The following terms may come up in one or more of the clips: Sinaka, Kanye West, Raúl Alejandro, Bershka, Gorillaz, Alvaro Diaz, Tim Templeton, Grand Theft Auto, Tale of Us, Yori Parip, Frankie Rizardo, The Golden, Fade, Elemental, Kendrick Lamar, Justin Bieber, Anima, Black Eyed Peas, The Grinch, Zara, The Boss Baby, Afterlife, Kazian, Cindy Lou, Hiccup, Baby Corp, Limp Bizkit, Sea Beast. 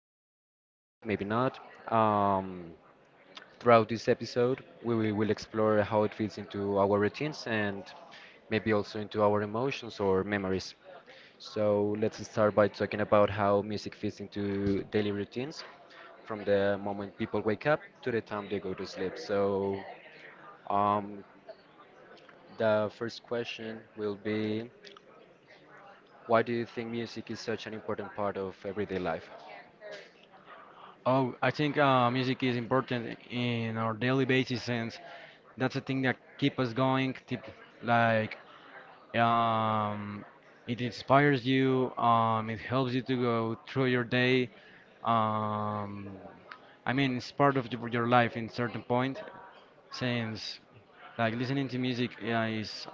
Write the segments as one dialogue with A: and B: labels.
A: they can notice it, maybe not. Um, Throughout this episode, we will explore how it fits into our routines and maybe also into our emotions or memories. So let's start by talking about how music fits into daily routines from the moment people wake up to the time they go to sleep. Um, The first question will be, why do you think music is such an important part of everyday life?
B: Oh, I think music is important in our daily basis sense that's the thing that keep us going. Keep, like um, it inspires you. It helps you to go through your day. Um, I mean, it's part of your life in certain point since, like, listening to music, yeah, is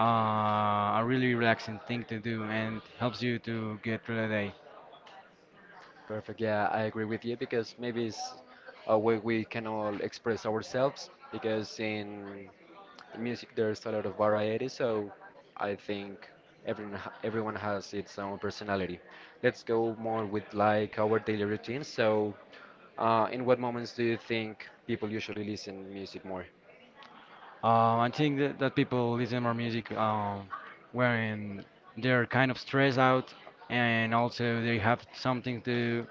B: a really relaxing thing to do and helps you to get through the day.
A: Perfect. Yeah, I agree with you because maybe it's a way we can all express ourselves because in music there's a lot of variety. So I think everyone has its own personality. Let's go more with like our daily routine. So, in what moments do you think people usually listen music more?
B: I think that people listen more music when they're kind of stressed out, and also they have something to,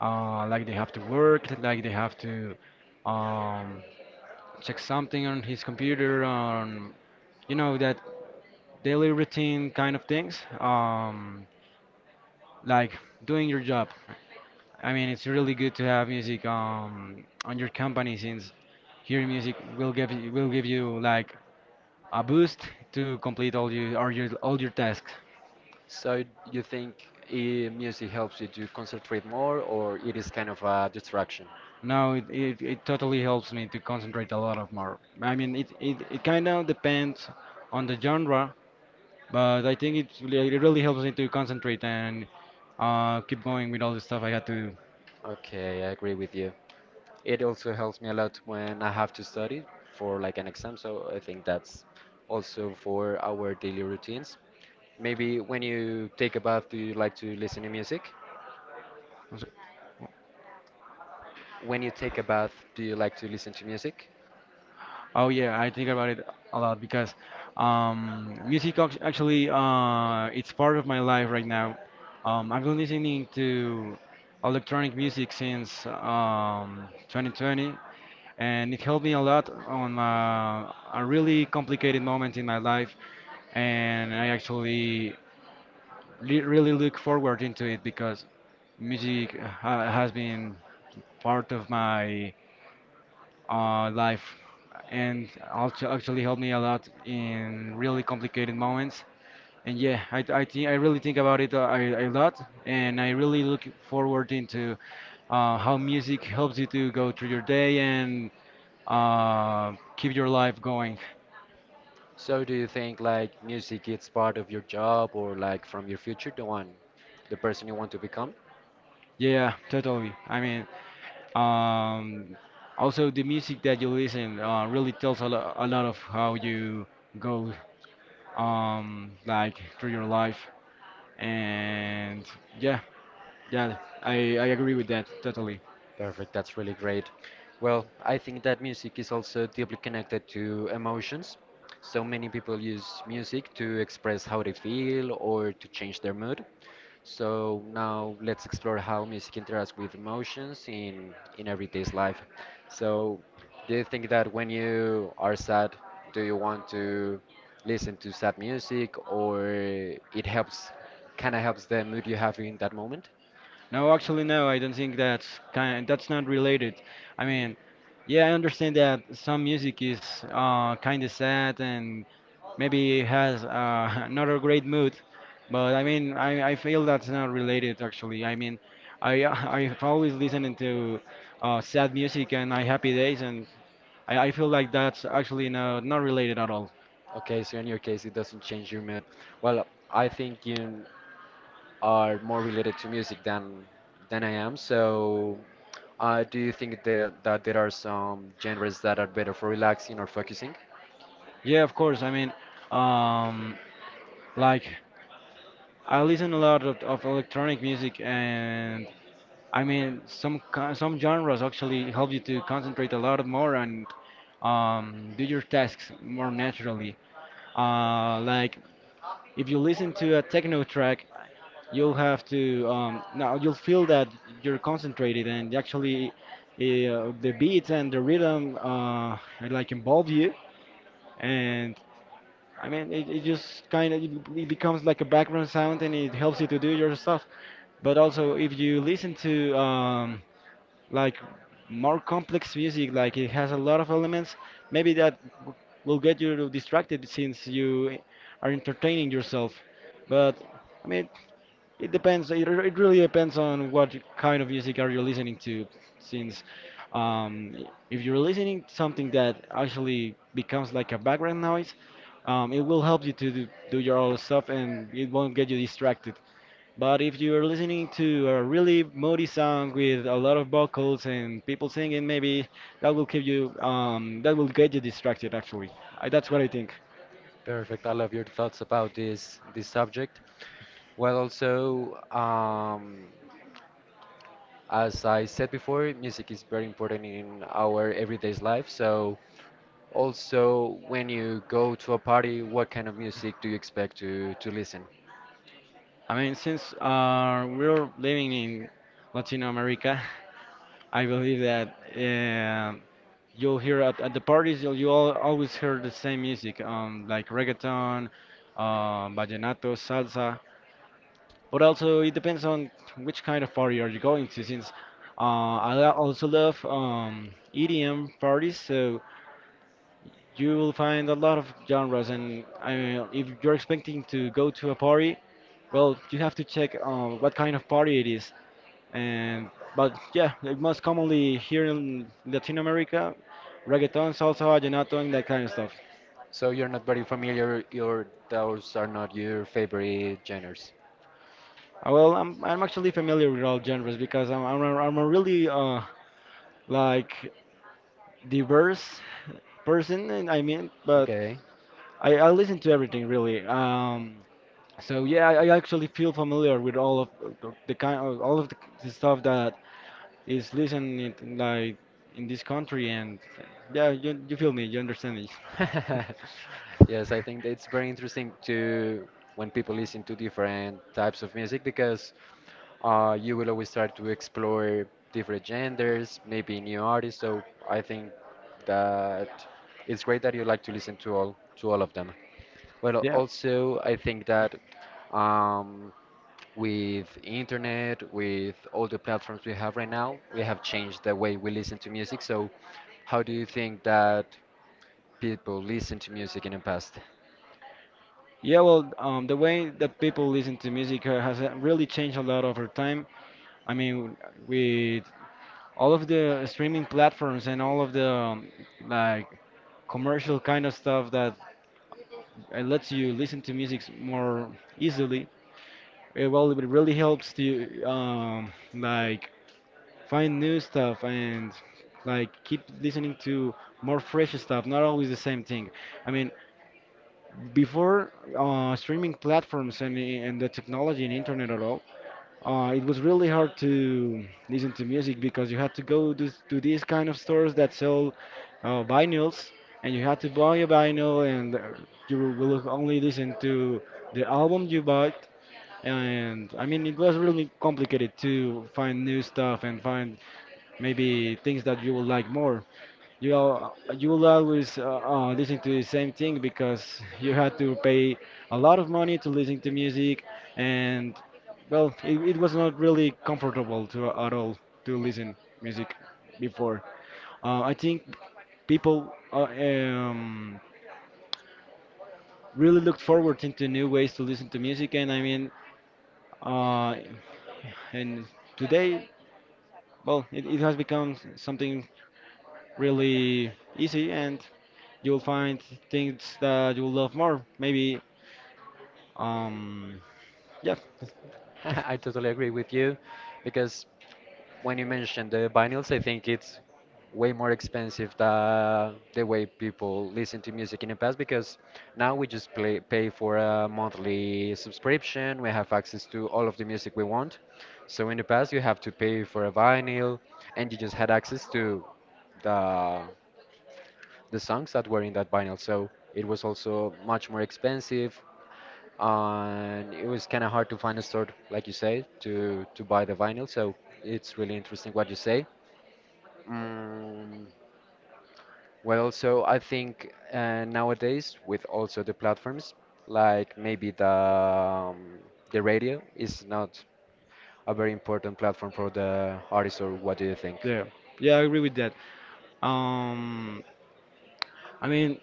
B: like they have to work, like they have to, um, check something on his computer, on, that daily routine kind of things, like doing your job. I mean, it's really good to have music on your company since hearing music will give you like a boost to complete all your tasks.
A: So you think music helps you to concentrate more, or it is kind of a distraction?
B: Now it totally helps me to concentrate a lot of more. I mean, it kind of depends on the genre, but I think it really helps me to concentrate and keep going with all the stuff I got to
A: Okay, I agree with you. It also helps me a lot when I have to study for like an exam, so I think that's also for our daily routines. Maybe when you take a bath, do you like to listen to music?
B: do.
A: When you take a bath, do you like to listen to music?
B: Oh yeah, I think about it a lot because music actually it's part of my life right now. I've been listening to electronic music since 2020, and it helped me a lot on a really complicated moment in my life. And I actually li really look forward into it because music ha has been part of my life, and also actually helped me a lot in really complicated moments. And yeah, I think I really think about it a lot, and I really look forward into how music helps you to go through your day and keep your life going.
A: So do you think like music is part of your job or like from your future, the person you want to become?
B: Yeah, totally. I mean, um, also the music that you listen really tells a lot of how you go, like, through your life. And yeah, yeah, I agree with that totally.
A: Perfect, that's really great. Well, I think that music is also deeply connected to emotions. So many people use music to express how they feel or to change their mood. So now let's explore how music interacts with emotions in everyday's life. So do you think that when you are sad, do you want to listen to sad music or it helps kind of helps the mood you have in that moment?
B: No, actually, no, I don't think that's not related. I mean, yeah, I understand that some music is kind of sad and maybe has not a great mood, but I mean, I feel that's not related actually. I mean, I I've always listening to sad music and I happy days, and I feel like that's actually no, not related at all.
A: Okay, so in your case, it doesn't change your mood. Well, I think you are more related to music than I am. So, do you think that there are some genres that are better for relaxing or focusing?
B: Yeah, of course. I mean, um, like, I listen a lot of electronic music, and I mean some genres actually help you to concentrate a lot more, and do your tasks more naturally. Like, if you listen to a techno track, you'll have to, now you'll feel that you're concentrated, and actually the beats and the rhythm like involve you, and I mean, it just kind of it becomes like a background sound, and it helps you to do your stuff. But also, if you listen to like more complex music, like it has a lot of elements, maybe will get you distracted since you are entertaining yourself. But I mean, it depends. It really depends on what kind of music are you listening to. Since, if you're listening to something that actually becomes like a background noise, it will help you to do your own stuff, and it won't get you distracted. But if you're listening to a really moody song with a lot of vocals and people singing, maybe that will get you distracted. Actually, that's what I think.
A: Perfect. I love your thoughts about this subject. Well, as I said before, music is very important in our everyday life. So, also, when you go to a party, what kind of music do you expect to listen?
B: I mean, since we're living in Latino America. I believe that, you'll hear at the parties you all always hear the same music, like reggaeton, vallenato, salsa. But also it depends on which kind of party are you going to. Since uh, I also love EDM parties, so you will find a lot of genres. And I mean, if you're expecting to go to a party, well, you have to check what kind of party it is. And but yeah, like most commonly here in Latin America, reggaeton, salsa, vallenato, and that kind of stuff.
A: So you're not very familiar, your those are not your favorite genres.
B: Well, I'm actually familiar with all genres because I'm a really like diverse person, and I mean, but
A: Okay.
B: I listen to everything really. So yeah, I actually feel familiar with all of the kind of all of the stuff that is listened in, like in this country, and yeah, you feel me, you understand me,
A: Yes, I think it's very interesting to when people listen to different types of music because you will always start to explore different genders, maybe new artists. So I think that it's great that you like to listen to all of them. Well,
B: yeah.
A: also I think that um, with internet, with all the platforms we have right now, we have changed the way we listen to music. So, how do you think that people listen to music in the past?
B: Yeah, well, the way that people listen to music has really changed a lot over time. I mean, with all of the streaming platforms and all of the, like, commercial kind of stuff that lets you listen to music more easily. Well, it really helps to, like, find new stuff, and like keep listening to more fresh stuff, not always the same thing. I mean, before streaming platforms and the technology and internet at all, it was really hard to listen to music because you had to go to these kind of stores that sell vinyls, and you had to buy a vinyl, and you will only listen to the album you bought. And I mean, it was really complicated to find new stuff and find maybe things that you will like more. You you will always listen to the same thing because you had to pay a lot of money to listen to music. And well, it was not really comfortable to at all to listen music before. Uh, I think people, really looked forward into new ways to listen to music, and I mean, uh, and today, well, it has become something really easy, and you'll find things that you'll love more. Maybe. um, yeah,
A: I totally agree with you because when you mentioned the vinyls, I think it's way more expensive than the way people listen to music in the past because now we just pay for a monthly subscription. We have access to all of the music we want. So in the past, you have to pay for a vinyl and you just had access to the the songs that were in that vinyl. So it was also much more expensive and it was kind of hard to find a store, like you say, to buy the vinyl. So it's really interesting what you say. Mm, well, so I think nowadays with also the platforms, like maybe the radio is not a very important platform for the artist, or what do you think?
B: yeah, yeah, I agree with that. Um, I mean,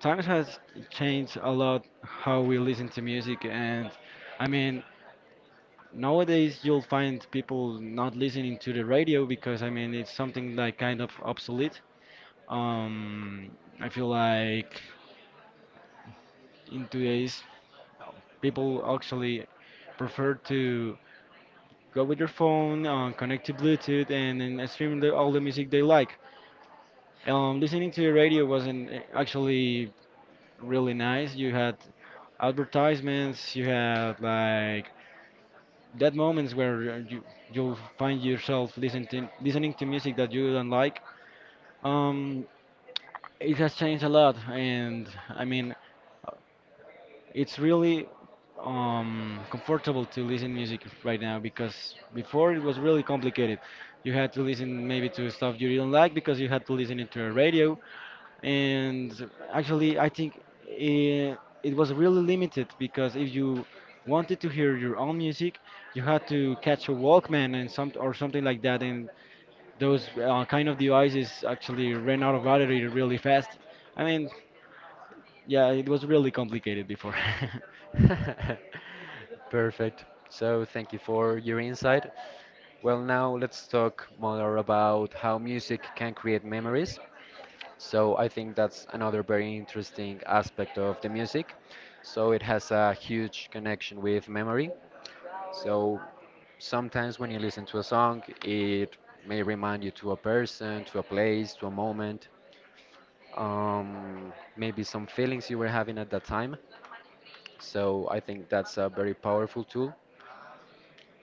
B: times has changed a lot how we listen to music, and I mean, nowadays you'll find people not listening to the radio because I mean it's something like kind of obsolete. Um, I feel like in today's people actually prefer to go with your phone, connect to Bluetooth, and then stream all the music they like. Listening to the radio wasn't actually really nice. You had advertisements, you had like that moments where you'll find yourself listening to music that you don't like. Um, it has changed a lot, and I mean, it's really comfortable to listen music right now because before it was really complicated. You had to listen maybe to stuff you didn't like because you had to listen it to a radio. And actually, I think it was really limited, because if you wanted to hear your own music, you had to catch a Walkman and some or something like that. And those kind of devices actually ran out of battery really fast. I mean, yeah, it was really complicated before.
A: Perfect. So thank you for your insight. Well, now let's talk more about how music can create memories. So I think that's another very interesting aspect of the music. So it has a huge connection with memory. So sometimes when you listen to a song, it may remind you to a person, to a place, to a moment, maybe some feelings you were having at that time. So I think that's a very powerful tool.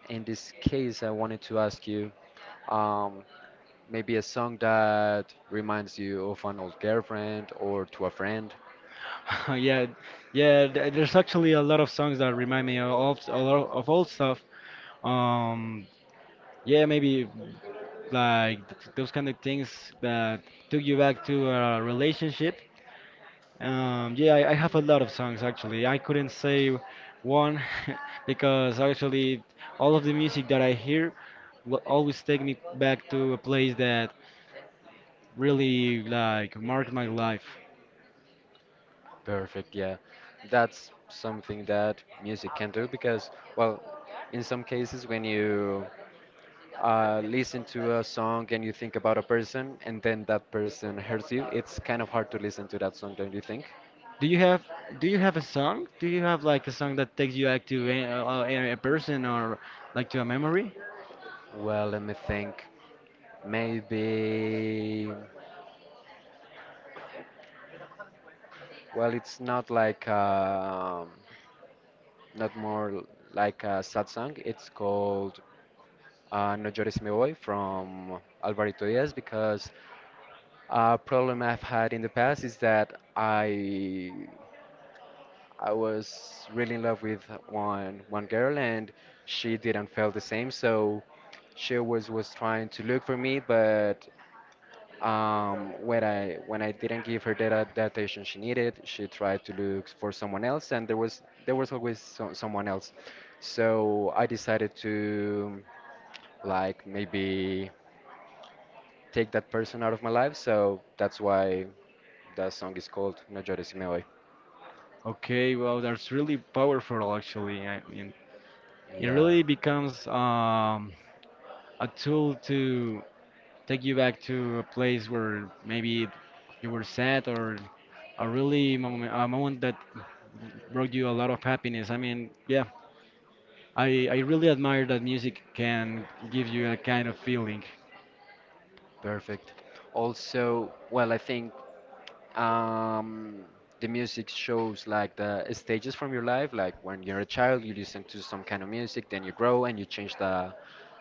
A: In this case, I wanted to ask you um, maybe a song that reminds you of an old girlfriend or to a friend.
B: Yeah, yeah. There's actually a lot of songs that remind me of a lot of old stuff. Um, yeah, maybe, like those kind of things that took you back to a relationship. Yeah, I have a lot of songs actually. I couldn't say one because actually all of the music that I hear will always take me back to a place that really, like, marked my life.
A: Perfect, yeah. That's something that music can do because, well, in some cases, when you listen to a song and you think about a person and then that person hurts you, it's kind of hard to listen to that song, don't you think?
B: Do you have do you have a song? Do you have like a song that takes you back to a person, or like to a memory?
A: Well, let me think. Maybe. Well, it's not like not more l- like a sad song. It's called "No Llores Mi Voy" from Alvarito Diaz because a problem I've had in the past is that I was really in love with one girl and she didn't feel the same, so she was trying to look for me, but when I didn't give her that attention she needed, she tried to look for someone else, and there was always someone else. So I decided to like maybe take that person out of my life. So that's why that song is called No llores si me voy.
B: Okay, well, that's really powerful actually. I mean, it
A: Yeah.
B: really becomes a tool to take you back to a place where maybe you were sad or a moment that brought you a lot of happiness. I mean, yeah, I really admire that music can give you a kind of feeling.
A: Perfect. Also, well, I think um, the music shows like the stages from your life. Like when you're a child, you listen to some kind of music, then you grow and you change the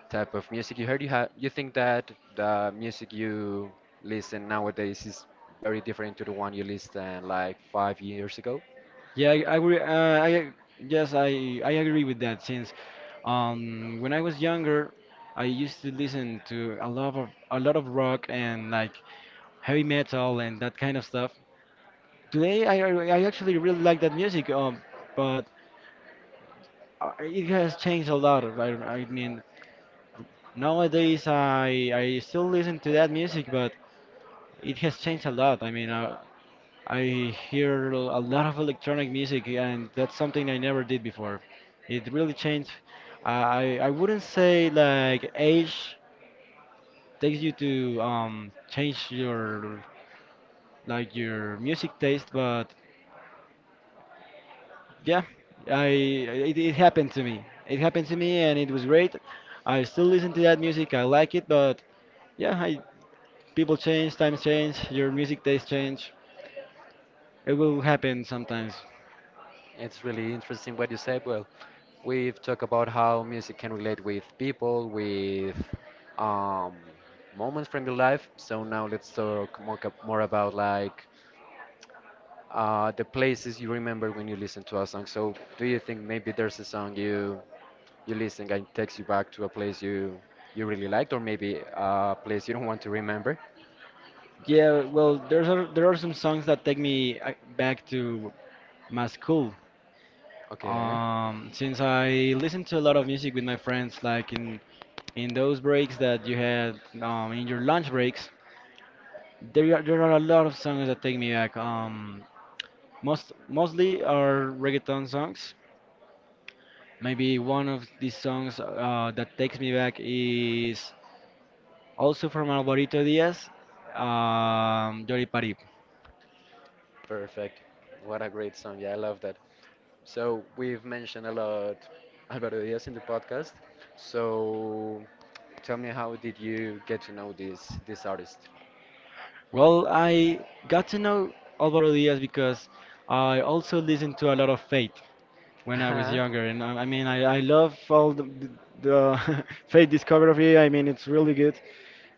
A: type of music you heard. You think that the music you listen nowadays is very different to the one you listened like 5 years ago.
B: Yeah, I agree. I Yes, I agree with that. Since, when I was younger, I used to listen to a lot of rock and like heavy metal and that kind of stuff. Today, I actually really like that music. But it has changed a lot. I mean, nowadays I still listen to that music, but it has changed a lot. I mean, I hear a lot of electronic music, and that's something I never did before. It really changed. I wouldn't say like age takes you to change your, like, your music taste, but yeah, I it happened to me. It happened to me, and it was great. I still listen to that music. I like it, but yeah, I people change, times change, your music taste change. It will happen sometimes.
A: It's really interesting what you said. Well, we've talked about how music can relate with people, with um, moments from your life. So now let's talk more about like the places you remember when you listen to a song. So do you think maybe there's a song you listen and takes you back to a place you really liked, or maybe a place you don't want to remember?
B: Yeah, well, there are some songs that take me back to my school.
A: Okay,
B: Since I listen to a lot of music with my friends, like in those breaks that you had, in your lunch breaks, there are a lot of songs that take me back. Mostly are reggaeton songs. Maybe one of these songs that takes me back is also from Alvarito Diaz, Yori Parip.
A: perfect. What a great song! Yeah, I love that. So we've mentioned a lot Alvaro Diaz in the podcast. So tell me, how did you get to know this artist?
B: Well, I got to know Alvaro Diaz because I also listened to a lot of Fate when I was
A: Uh-huh.
B: younger, and I love the Fate discography. I mean, it's really good,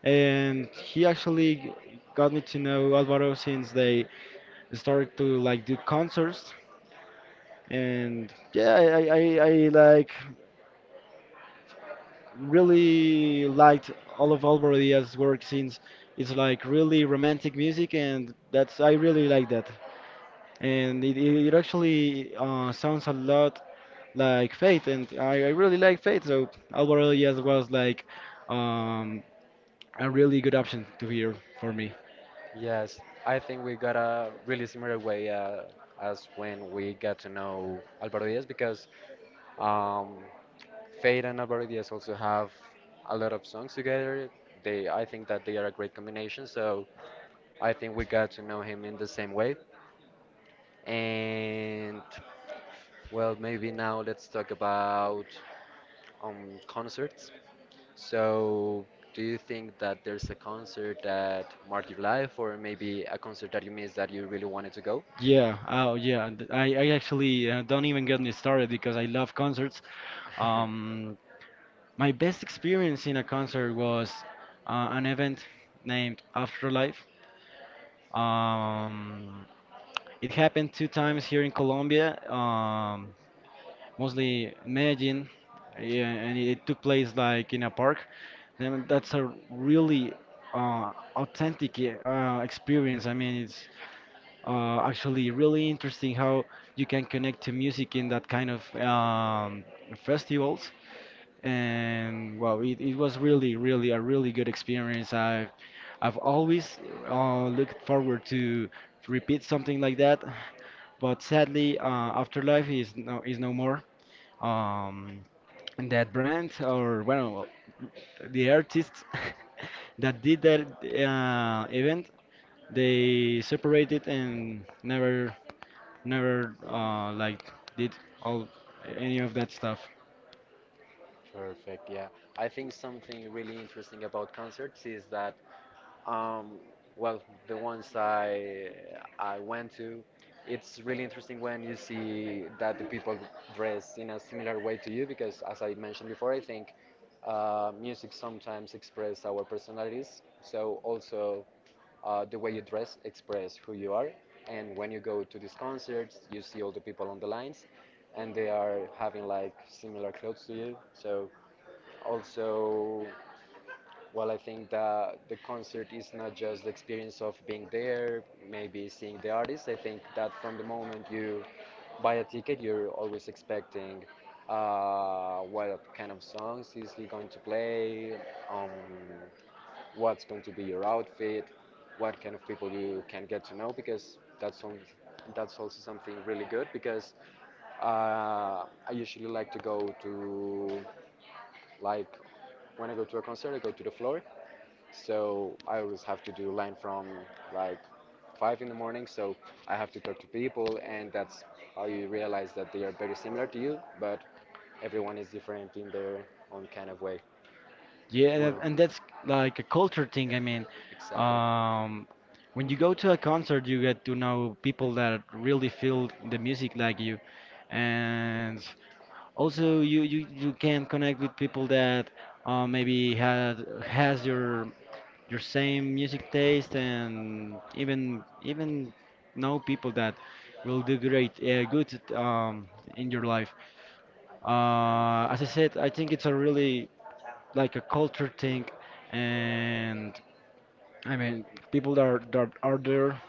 B: and he actually got me to know Alvaro since they started to like do concerts, and yeah, like really liked all of Alvaro Diaz's work, since it's like really romantic music, and that's I really like that. And it, it actually sounds a lot like Faith, and I really like Faith, so Alvaro Diaz was like um, a really good option to hear for me.
A: Yes, I think we got a really similar way as when we got to know Alvaro Diaz because um, Fade and Alvaro Diaz also have a lot of songs together. They, I think that they are a great combination. So I think we got to know him in the same way. And well, maybe now let's talk about on concerts. So, do you think that there's a concert that marked your life, or maybe a concert that you missed that you really wanted to go?
B: Yeah, oh yeah, and I actually don't even get me started because I love concerts. Um, my best experience in a concert was an event named Afterlife. Um, it happened two times here in Colombia. Mostly Medellin, yeah, and it took place like in a park. Then that's a really authentic experience. I mean, it's actually really interesting how you can connect to music in that kind of festivals. And well, it was really, really a really good experience. I've always looked forward to repeat something like that, but sadly, Afterlife is is no more, um, that brand, or well, the artists that did that event, they separated and never like did all any of that stuff.
A: Perfect. Yeah, I think something really interesting about concerts is that, um, well, the ones I went to, it's really interesting when you see that the people dress in a similar way to you because, as I mentioned before, I think music sometimes express our personalities. So also, uh, the way you dress express who you are. And when you go to these concerts, you see all the people on the lines, and they are having like similar clothes to you. So also, well, I think that the concert is not just the experience of being there, maybe seeing the artist. I think that from the moment you buy a ticket, you're always expecting what kind of songs is he going to play, um, what's going to be your outfit, what kind of people you can get to know, because that's also something really good. Because I usually like to go to like when I go to a concert, I go to the floor, so I always have to do line from like 5 in the morning. So I have to talk to people, and that's how you realize that they are very similar to you, but everyone is different in their own kind of way.
B: Yeah,
A: Well,
B: and that's like a culture thing. I mean,
A: exactly.
B: um, when you go to a concert, you get to know people that really feel the music like you, and also, you can connect with people that maybe had has your same music taste, and even know people that will do great, good, in your life. As I said, I think it's a really, like a culture thing, and I mean people that are there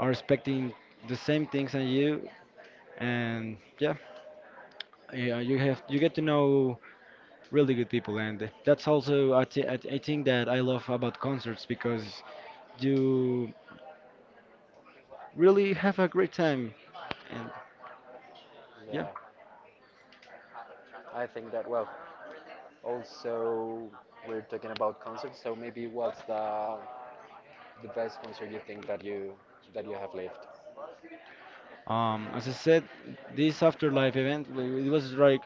B: are expecting the same things as you, and yeah, you get to know really good people, and that's also I think that I love about concerts because you really have a great time, and yeah.
A: Yeah. I think that well. Also, we're talking about concerts, so maybe what's the best concert you think that you have lived?
B: As I said, this Afterlife event it was like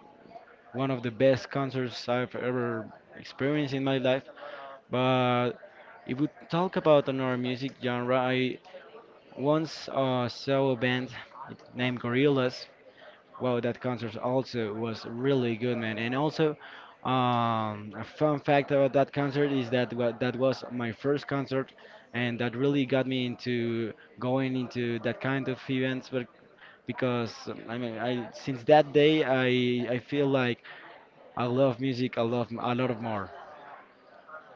B: one of the best concerts I've ever experienced in my life. But if we talk about another music genre, I once saw a band named Gorillaz. Wow, that concert also was really good, man. And also, a fun fact about that concert is that that was my first concert, and that really got me into going into that kind of events. But because I mean, I since that day, I feel like I love music. I love a lot of more.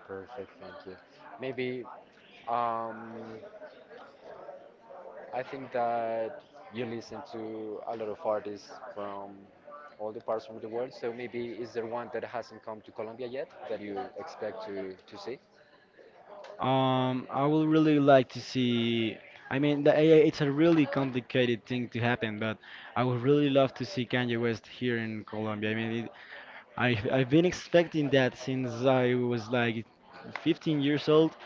A: Perfect, thank you. Maybe um, I think that you listen to a lot of artists from all the parts of the world. So maybe is there one that hasn't come to Colombia yet that you expect to see?
B: I would really like to see. I mean, it's a really complicated thing to happen, but I would really love to see Kanye West here in Colombia. I mean, I've been expecting that since I was like 15 years old,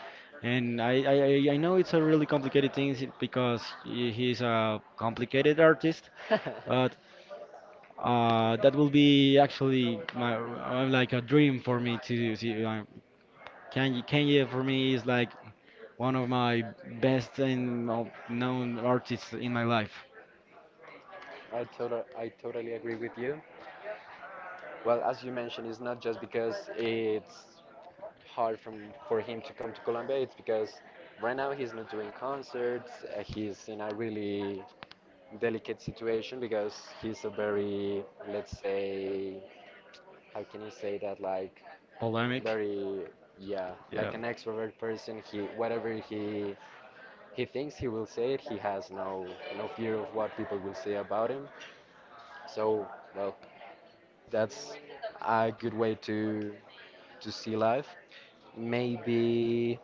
B: and I know it's a really complicated thing because he's a complicated artist, but that will be actually my like a dream for me to see. Kanye for me is like one of my best and known artists in my life.
A: I totally agree with you. Well, as you mentioned, it's not just because it's hard from for him to come to Colombia, it's because right now he's not doing concerts. He's in a really delicate situation because he's a very, let's say, how can you say that? Like
B: Polemic,
A: very, yeah,
B: yeah.
A: like an extrovert person. He whatever he thinks he will say it. He has no fear of what people will say about him. So well, that's a good way to see life. Maybe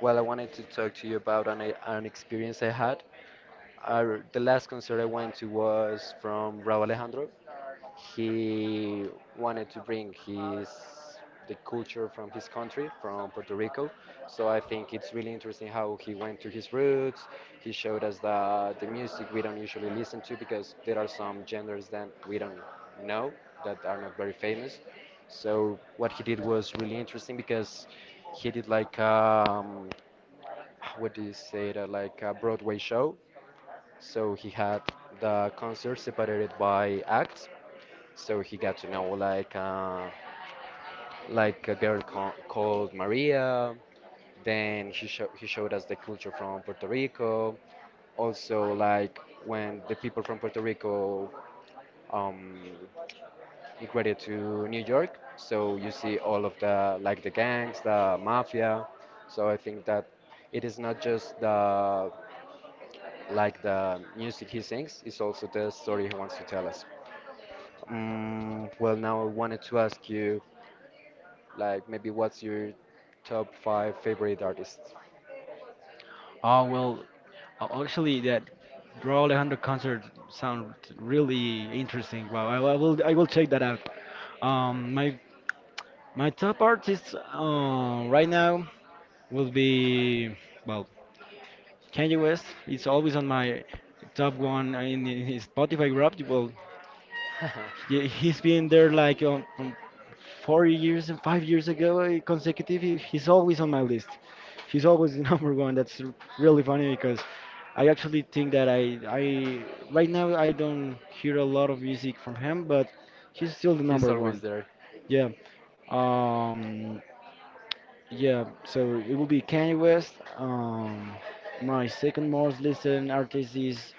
A: well, I wanted to talk to you about an experience I had. The last concert I went to was from Raúl Alejandro. He wanted to bring his the culture from his country, from Puerto Rico. So I think it's really interesting how he went to his roots. He showed us the music we don't usually listen to because there are some genres that we don't know that are not very famous. So what he did was really interesting because he did like. What do you say, that like a Broadway show. So he had the concert separated by acts. So he got to know like a girl called Maria. Then he showed us the culture from Puerto Rico. Also, like when the people from Puerto Rico um, migrated to New York. So you see all of the, like, the gangs, the mafia. So I think that it is not just the, like, the music he sings, is also the story he wants to tell us. Well, now I wanted to ask you, like, maybe what's your top 5 favorite artists?
B: Oh well, actually that Bro Alejandro concert sounds really interesting. Wow, I will check that out. Um, my my top artist right now will be, well, Kanye West. It's always on my top one in his Spotify rap. Well, yeah, he's been there like 4 years and 5 years ago consecutive. He's always on my list. He's always the number one. That's really funny because I actually think that I right now I don't hear a lot of music from him, but he's still the
A: He's
B: number one.
A: always there.
B: Yeah. Um. Yeah. So it will be Kanye West. My second most listened artist is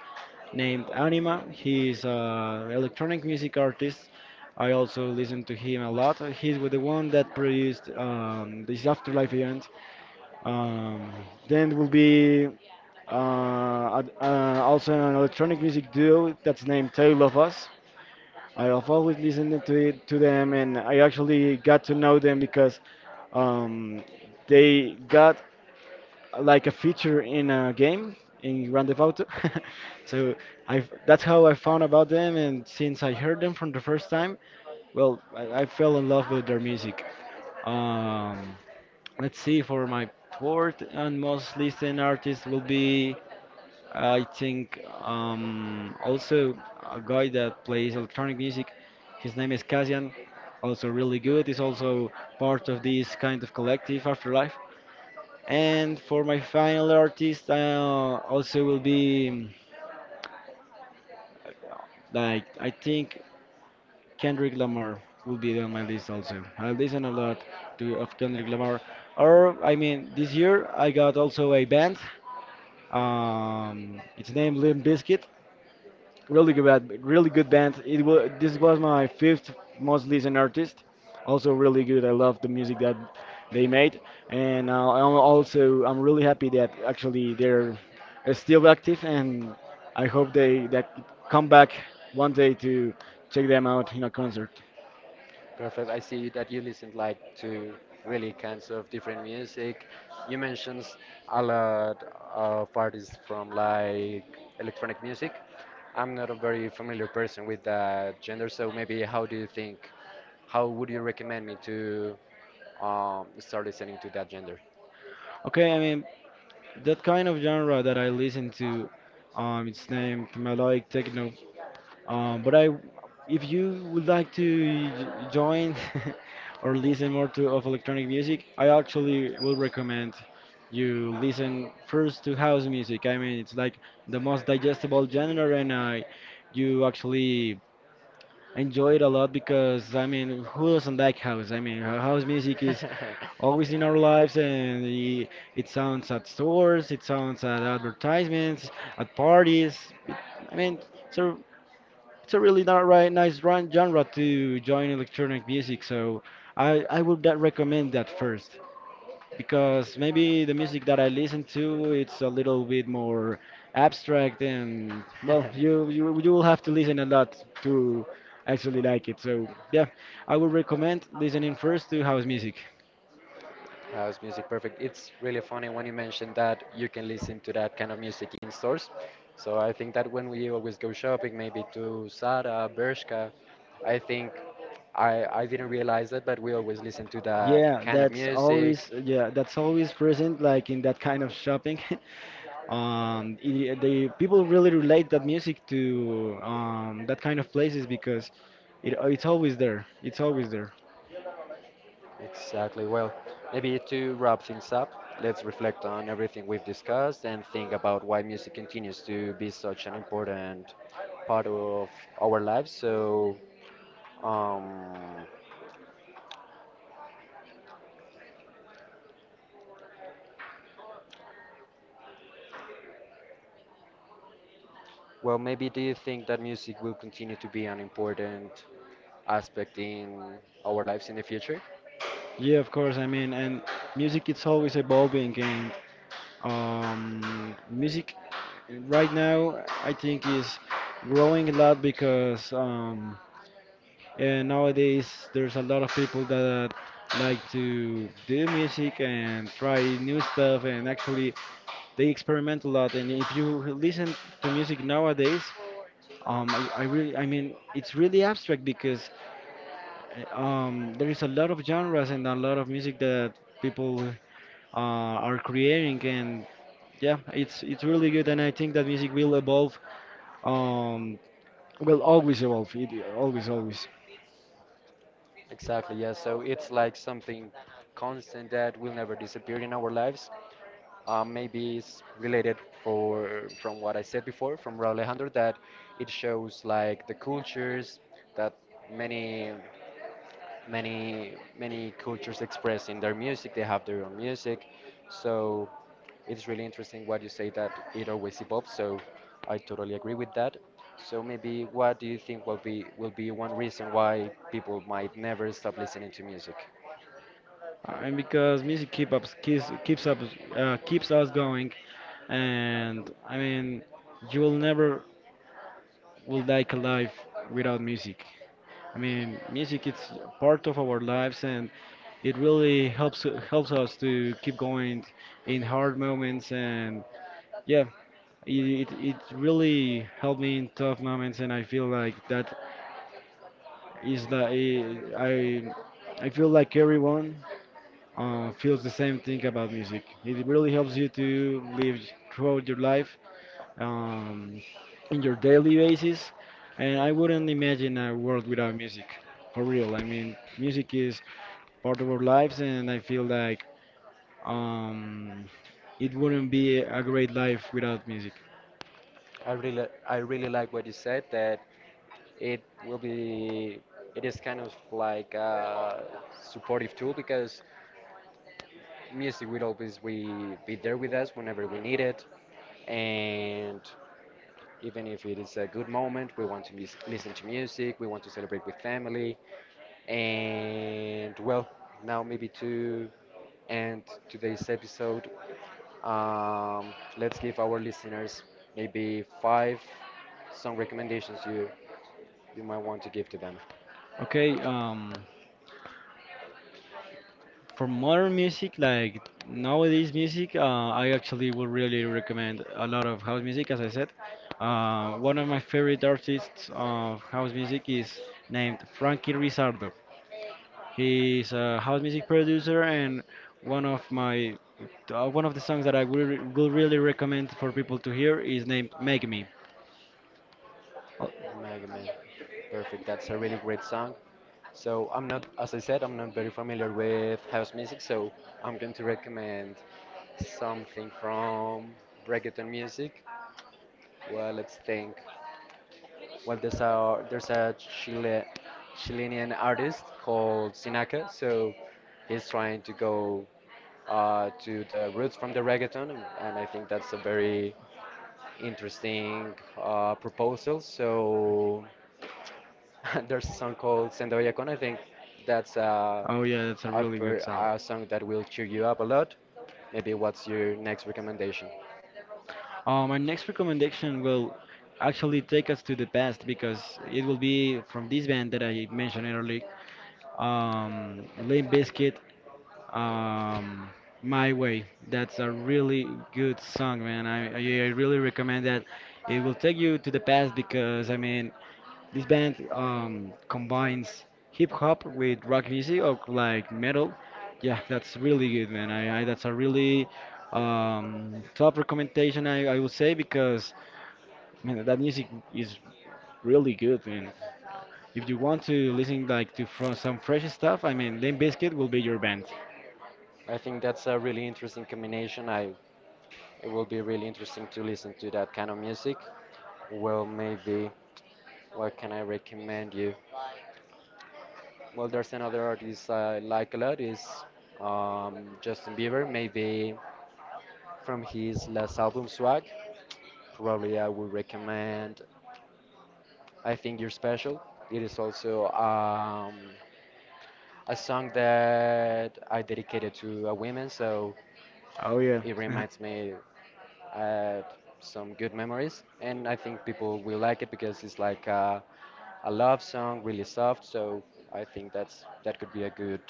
B: named Anima. He is an electronic music artist. I also listen to him a lot. He's with the one that produced, this Afterlife event. Um, then will be also an electronic music duo that's named Tale of Us. I have always listened to them, and I actually got to know them because um, they got like a feature in a game in Grand Theft Auto. So I that's how I found about them, and since I heard them from the first time, well, I fell in love with their music. Um, let's see, for my fourth and most listened artist will be, I think, also a guy that plays electronic music. His name is Kazian, also really good. He's also part of this kind of collective Afterlife. And for my final artist, also will be, like I think Kendrick Lamar will be on my list also. I listen a lot to of Kendrick Lamar. Or I mean, this year I got also a band. It's named Limp Bizkit. Really good band, really good band. It was This was my fifth most listened artist. Also really good. I love the music that they made, and I'm really happy that actually they're still active, and I hope they that come back one day to check them out in a concert.
A: Perfect. I see that you listen, like, to really kinds of different music. You mentioned a lot of artists from, like, electronic music. I'm not a very familiar person with that gender, so maybe how do you think? How would you recommend me to start listening to that gender.
B: Okay, I mean that kind of genre that I listen to, it's named melodic techno. But I, if you would like to join or listen more to of electronic music, I actually will recommend you listen first to house music. I mean, it's like the most digestible genre, and I, you actually enjoy it a lot because I mean, who doesn't like house? I mean, house music is always in our lives, and it sounds at stores, it sounds at advertisements, at parties, it, I mean so it's a really not right nice run genre to join electronic music. So I would that recommend that first, because maybe the music that I listen to, it's a little bit more abstract, and well, you will have to listen a lot to actually like it. So yeah, I would recommend listening first to house music.
A: House music, perfect. It's really funny when you mentioned that you can listen to that kind of music in stores. So I think that when we always go shopping, maybe to Zara, Bershka, I think I didn't realize that, but we always listen to that
B: Yeah,
A: kind of
B: that's
A: music.
B: always, yeah, that's always present like in that kind of shopping. The people really relate that music to that kind of places because it's always there. It's always there.
A: Exactly. Well, maybe to wrap things up, let's reflect on everything we've discussed and think about why music continues to be such an important part of our lives. So, um, well, maybe do you think that music will continue to be an important aspect in our lives in the future?
B: Yeah, of course. I mean, and music it's always evolving, and music right now I think is growing a lot because And nowadays, there's a lot of people that like to do music and try new stuff, and actually, they experiment a lot. And if you listen to music nowadays, I really, I mean, it's really abstract because there is a lot of genres and a lot of music that people are creating, and yeah, it's really good. And I think that music will evolve. Um, will always evolve. It always, always.
A: Exactly, yeah. So it's like something constant that will never disappear in our lives. Maybe it's related for from what I said before from Raul Alejandro, that it shows like the cultures that many many cultures express in their music. They have their own music, so it's really interesting what you say, that it always evolves. So I totally agree with that. So maybe what do you think will be one reason why people might never stop listening to music?
B: And because music keeps up, keeps us going, and I mean, you will never will like a life without music. I mean, music is part of our lives, and it really helps us to keep going in hard moments. And yeah, it really helped me in tough moments, and I feel like that is the I feel like everyone feels the same thing about music. It really helps you to live throughout your life um, in your daily basis. And I wouldn't imagine a world without music, for real. I mean, music is part of our lives, and I feel like um, it wouldn't be a great life without music.
A: I really like what you said, that it will be it is kind of like a supportive tool, because music will always be there with us whenever we need it, and even if it is a good moment, we want to listen to music, we want to celebrate with family. And well, now, maybe to end today's episode, let's give our listeners maybe 5 song recommendations you might want to give to them.
B: Okay, for modern music, like nowadays music, I actually would really recommend a lot of house music. As I said, one of my favorite artists of house music is named Frankie Rizardo. He's a house music producer, and one of my one of the songs that will really recommend for people to hear is named "Make Me." Oh,
A: Mega Man. Perfect. That's a really great song. So I'm not, as I said, I'm not very familiar with house music, so I'm going to recommend something from reggaeton music. Well, let's think. Well, there's a Chilean artist called Sinaka, so he's trying to go to the roots from the reggaeton, and I think that's a very interesting proposal. So there's a song called Sendo Bellacón. I think that's
B: oh yeah, that's a really good song.
A: a song that will cheer you up a lot. Maybe what's your next recommendation?
B: Next recommendation will actually take us to the past because it will be from this band that I mentioned earlier, Limp Bizkit, um, "My Way." That's a really good song, man. I really recommend that. It will take you to the past because I mean, this band combines hip hop with rock music, or like metal. Yeah, that's really good, man. I That's a really top recommendation, I would say, because man, that music is really good, man. If you want to listen like to from some fresh stuff, I mean, Limp Bizkit will be your band.
A: I think that's a really interesting combination. I, it will be really interesting to listen to that kind of music. Well, maybe what can I recommend you? Well, there's another artist I like a lot, is Justin Bieber. Maybe from his last album Swag, probably I would recommend. I think you're special. It is also a song that I dedicated to a woman, so
B: Oh yeah.
A: it reminds me uh, some good memories, and I think people will like it because it's like a love song, really soft. So I think that's that could be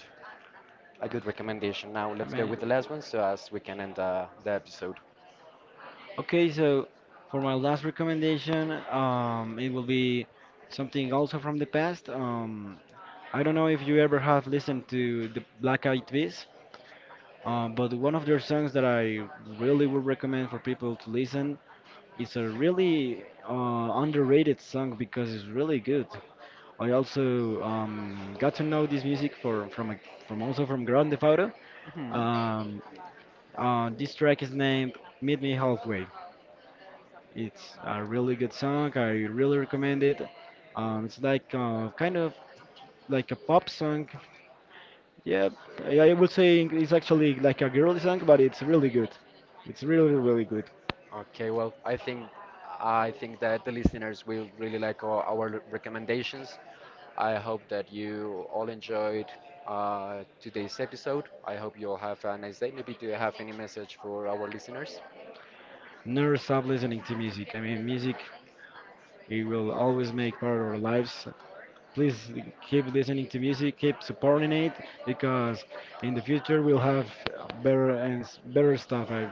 A: a good recommendation. Now
B: I
A: let's go
B: mean,
A: with the last one, so as we can end the episode.
B: okay, so for my last recommendation, it will be something also from the past. I don't know if you ever have listened to the Black Eyed Peas. But one of their songs that I really would recommend for people to listen is a really underrated song because it's really good. I also got to know this music from also from Grande Fauto.
A: Hmm.
B: Um, this track is named "Meet Me Halfway." It's a really good song. I really recommend it. It's like kind of like a pop song. Yeah, I would say it's actually like a girly song, but it's really good. It's really, really good.
A: Okay, well, I think that the listeners will really like our recommendations. I hope that you all enjoyed today's episode. I hope you all have a nice day. Maybe do you have any message for our listeners?
B: Never stop listening to music. I mean, music, it will always make part of our lives. Please keep listening to music, keep supporting it, because in the future we'll have better and better stuff. I,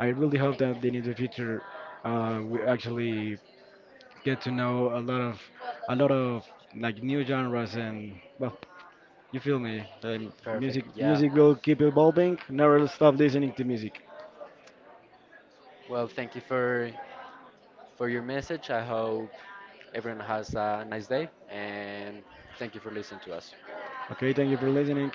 B: I really hope that in the future we actually get to know a lot of like new genres and well, you feel me?
A: Perfect.
B: Music,
A: Yeah.
B: music will keep evolving. Never stop listening to music.
A: Well, thank you for your message. I hope everyone has a nice day, and thank you for listening to us.
B: Okay, thank you for listening.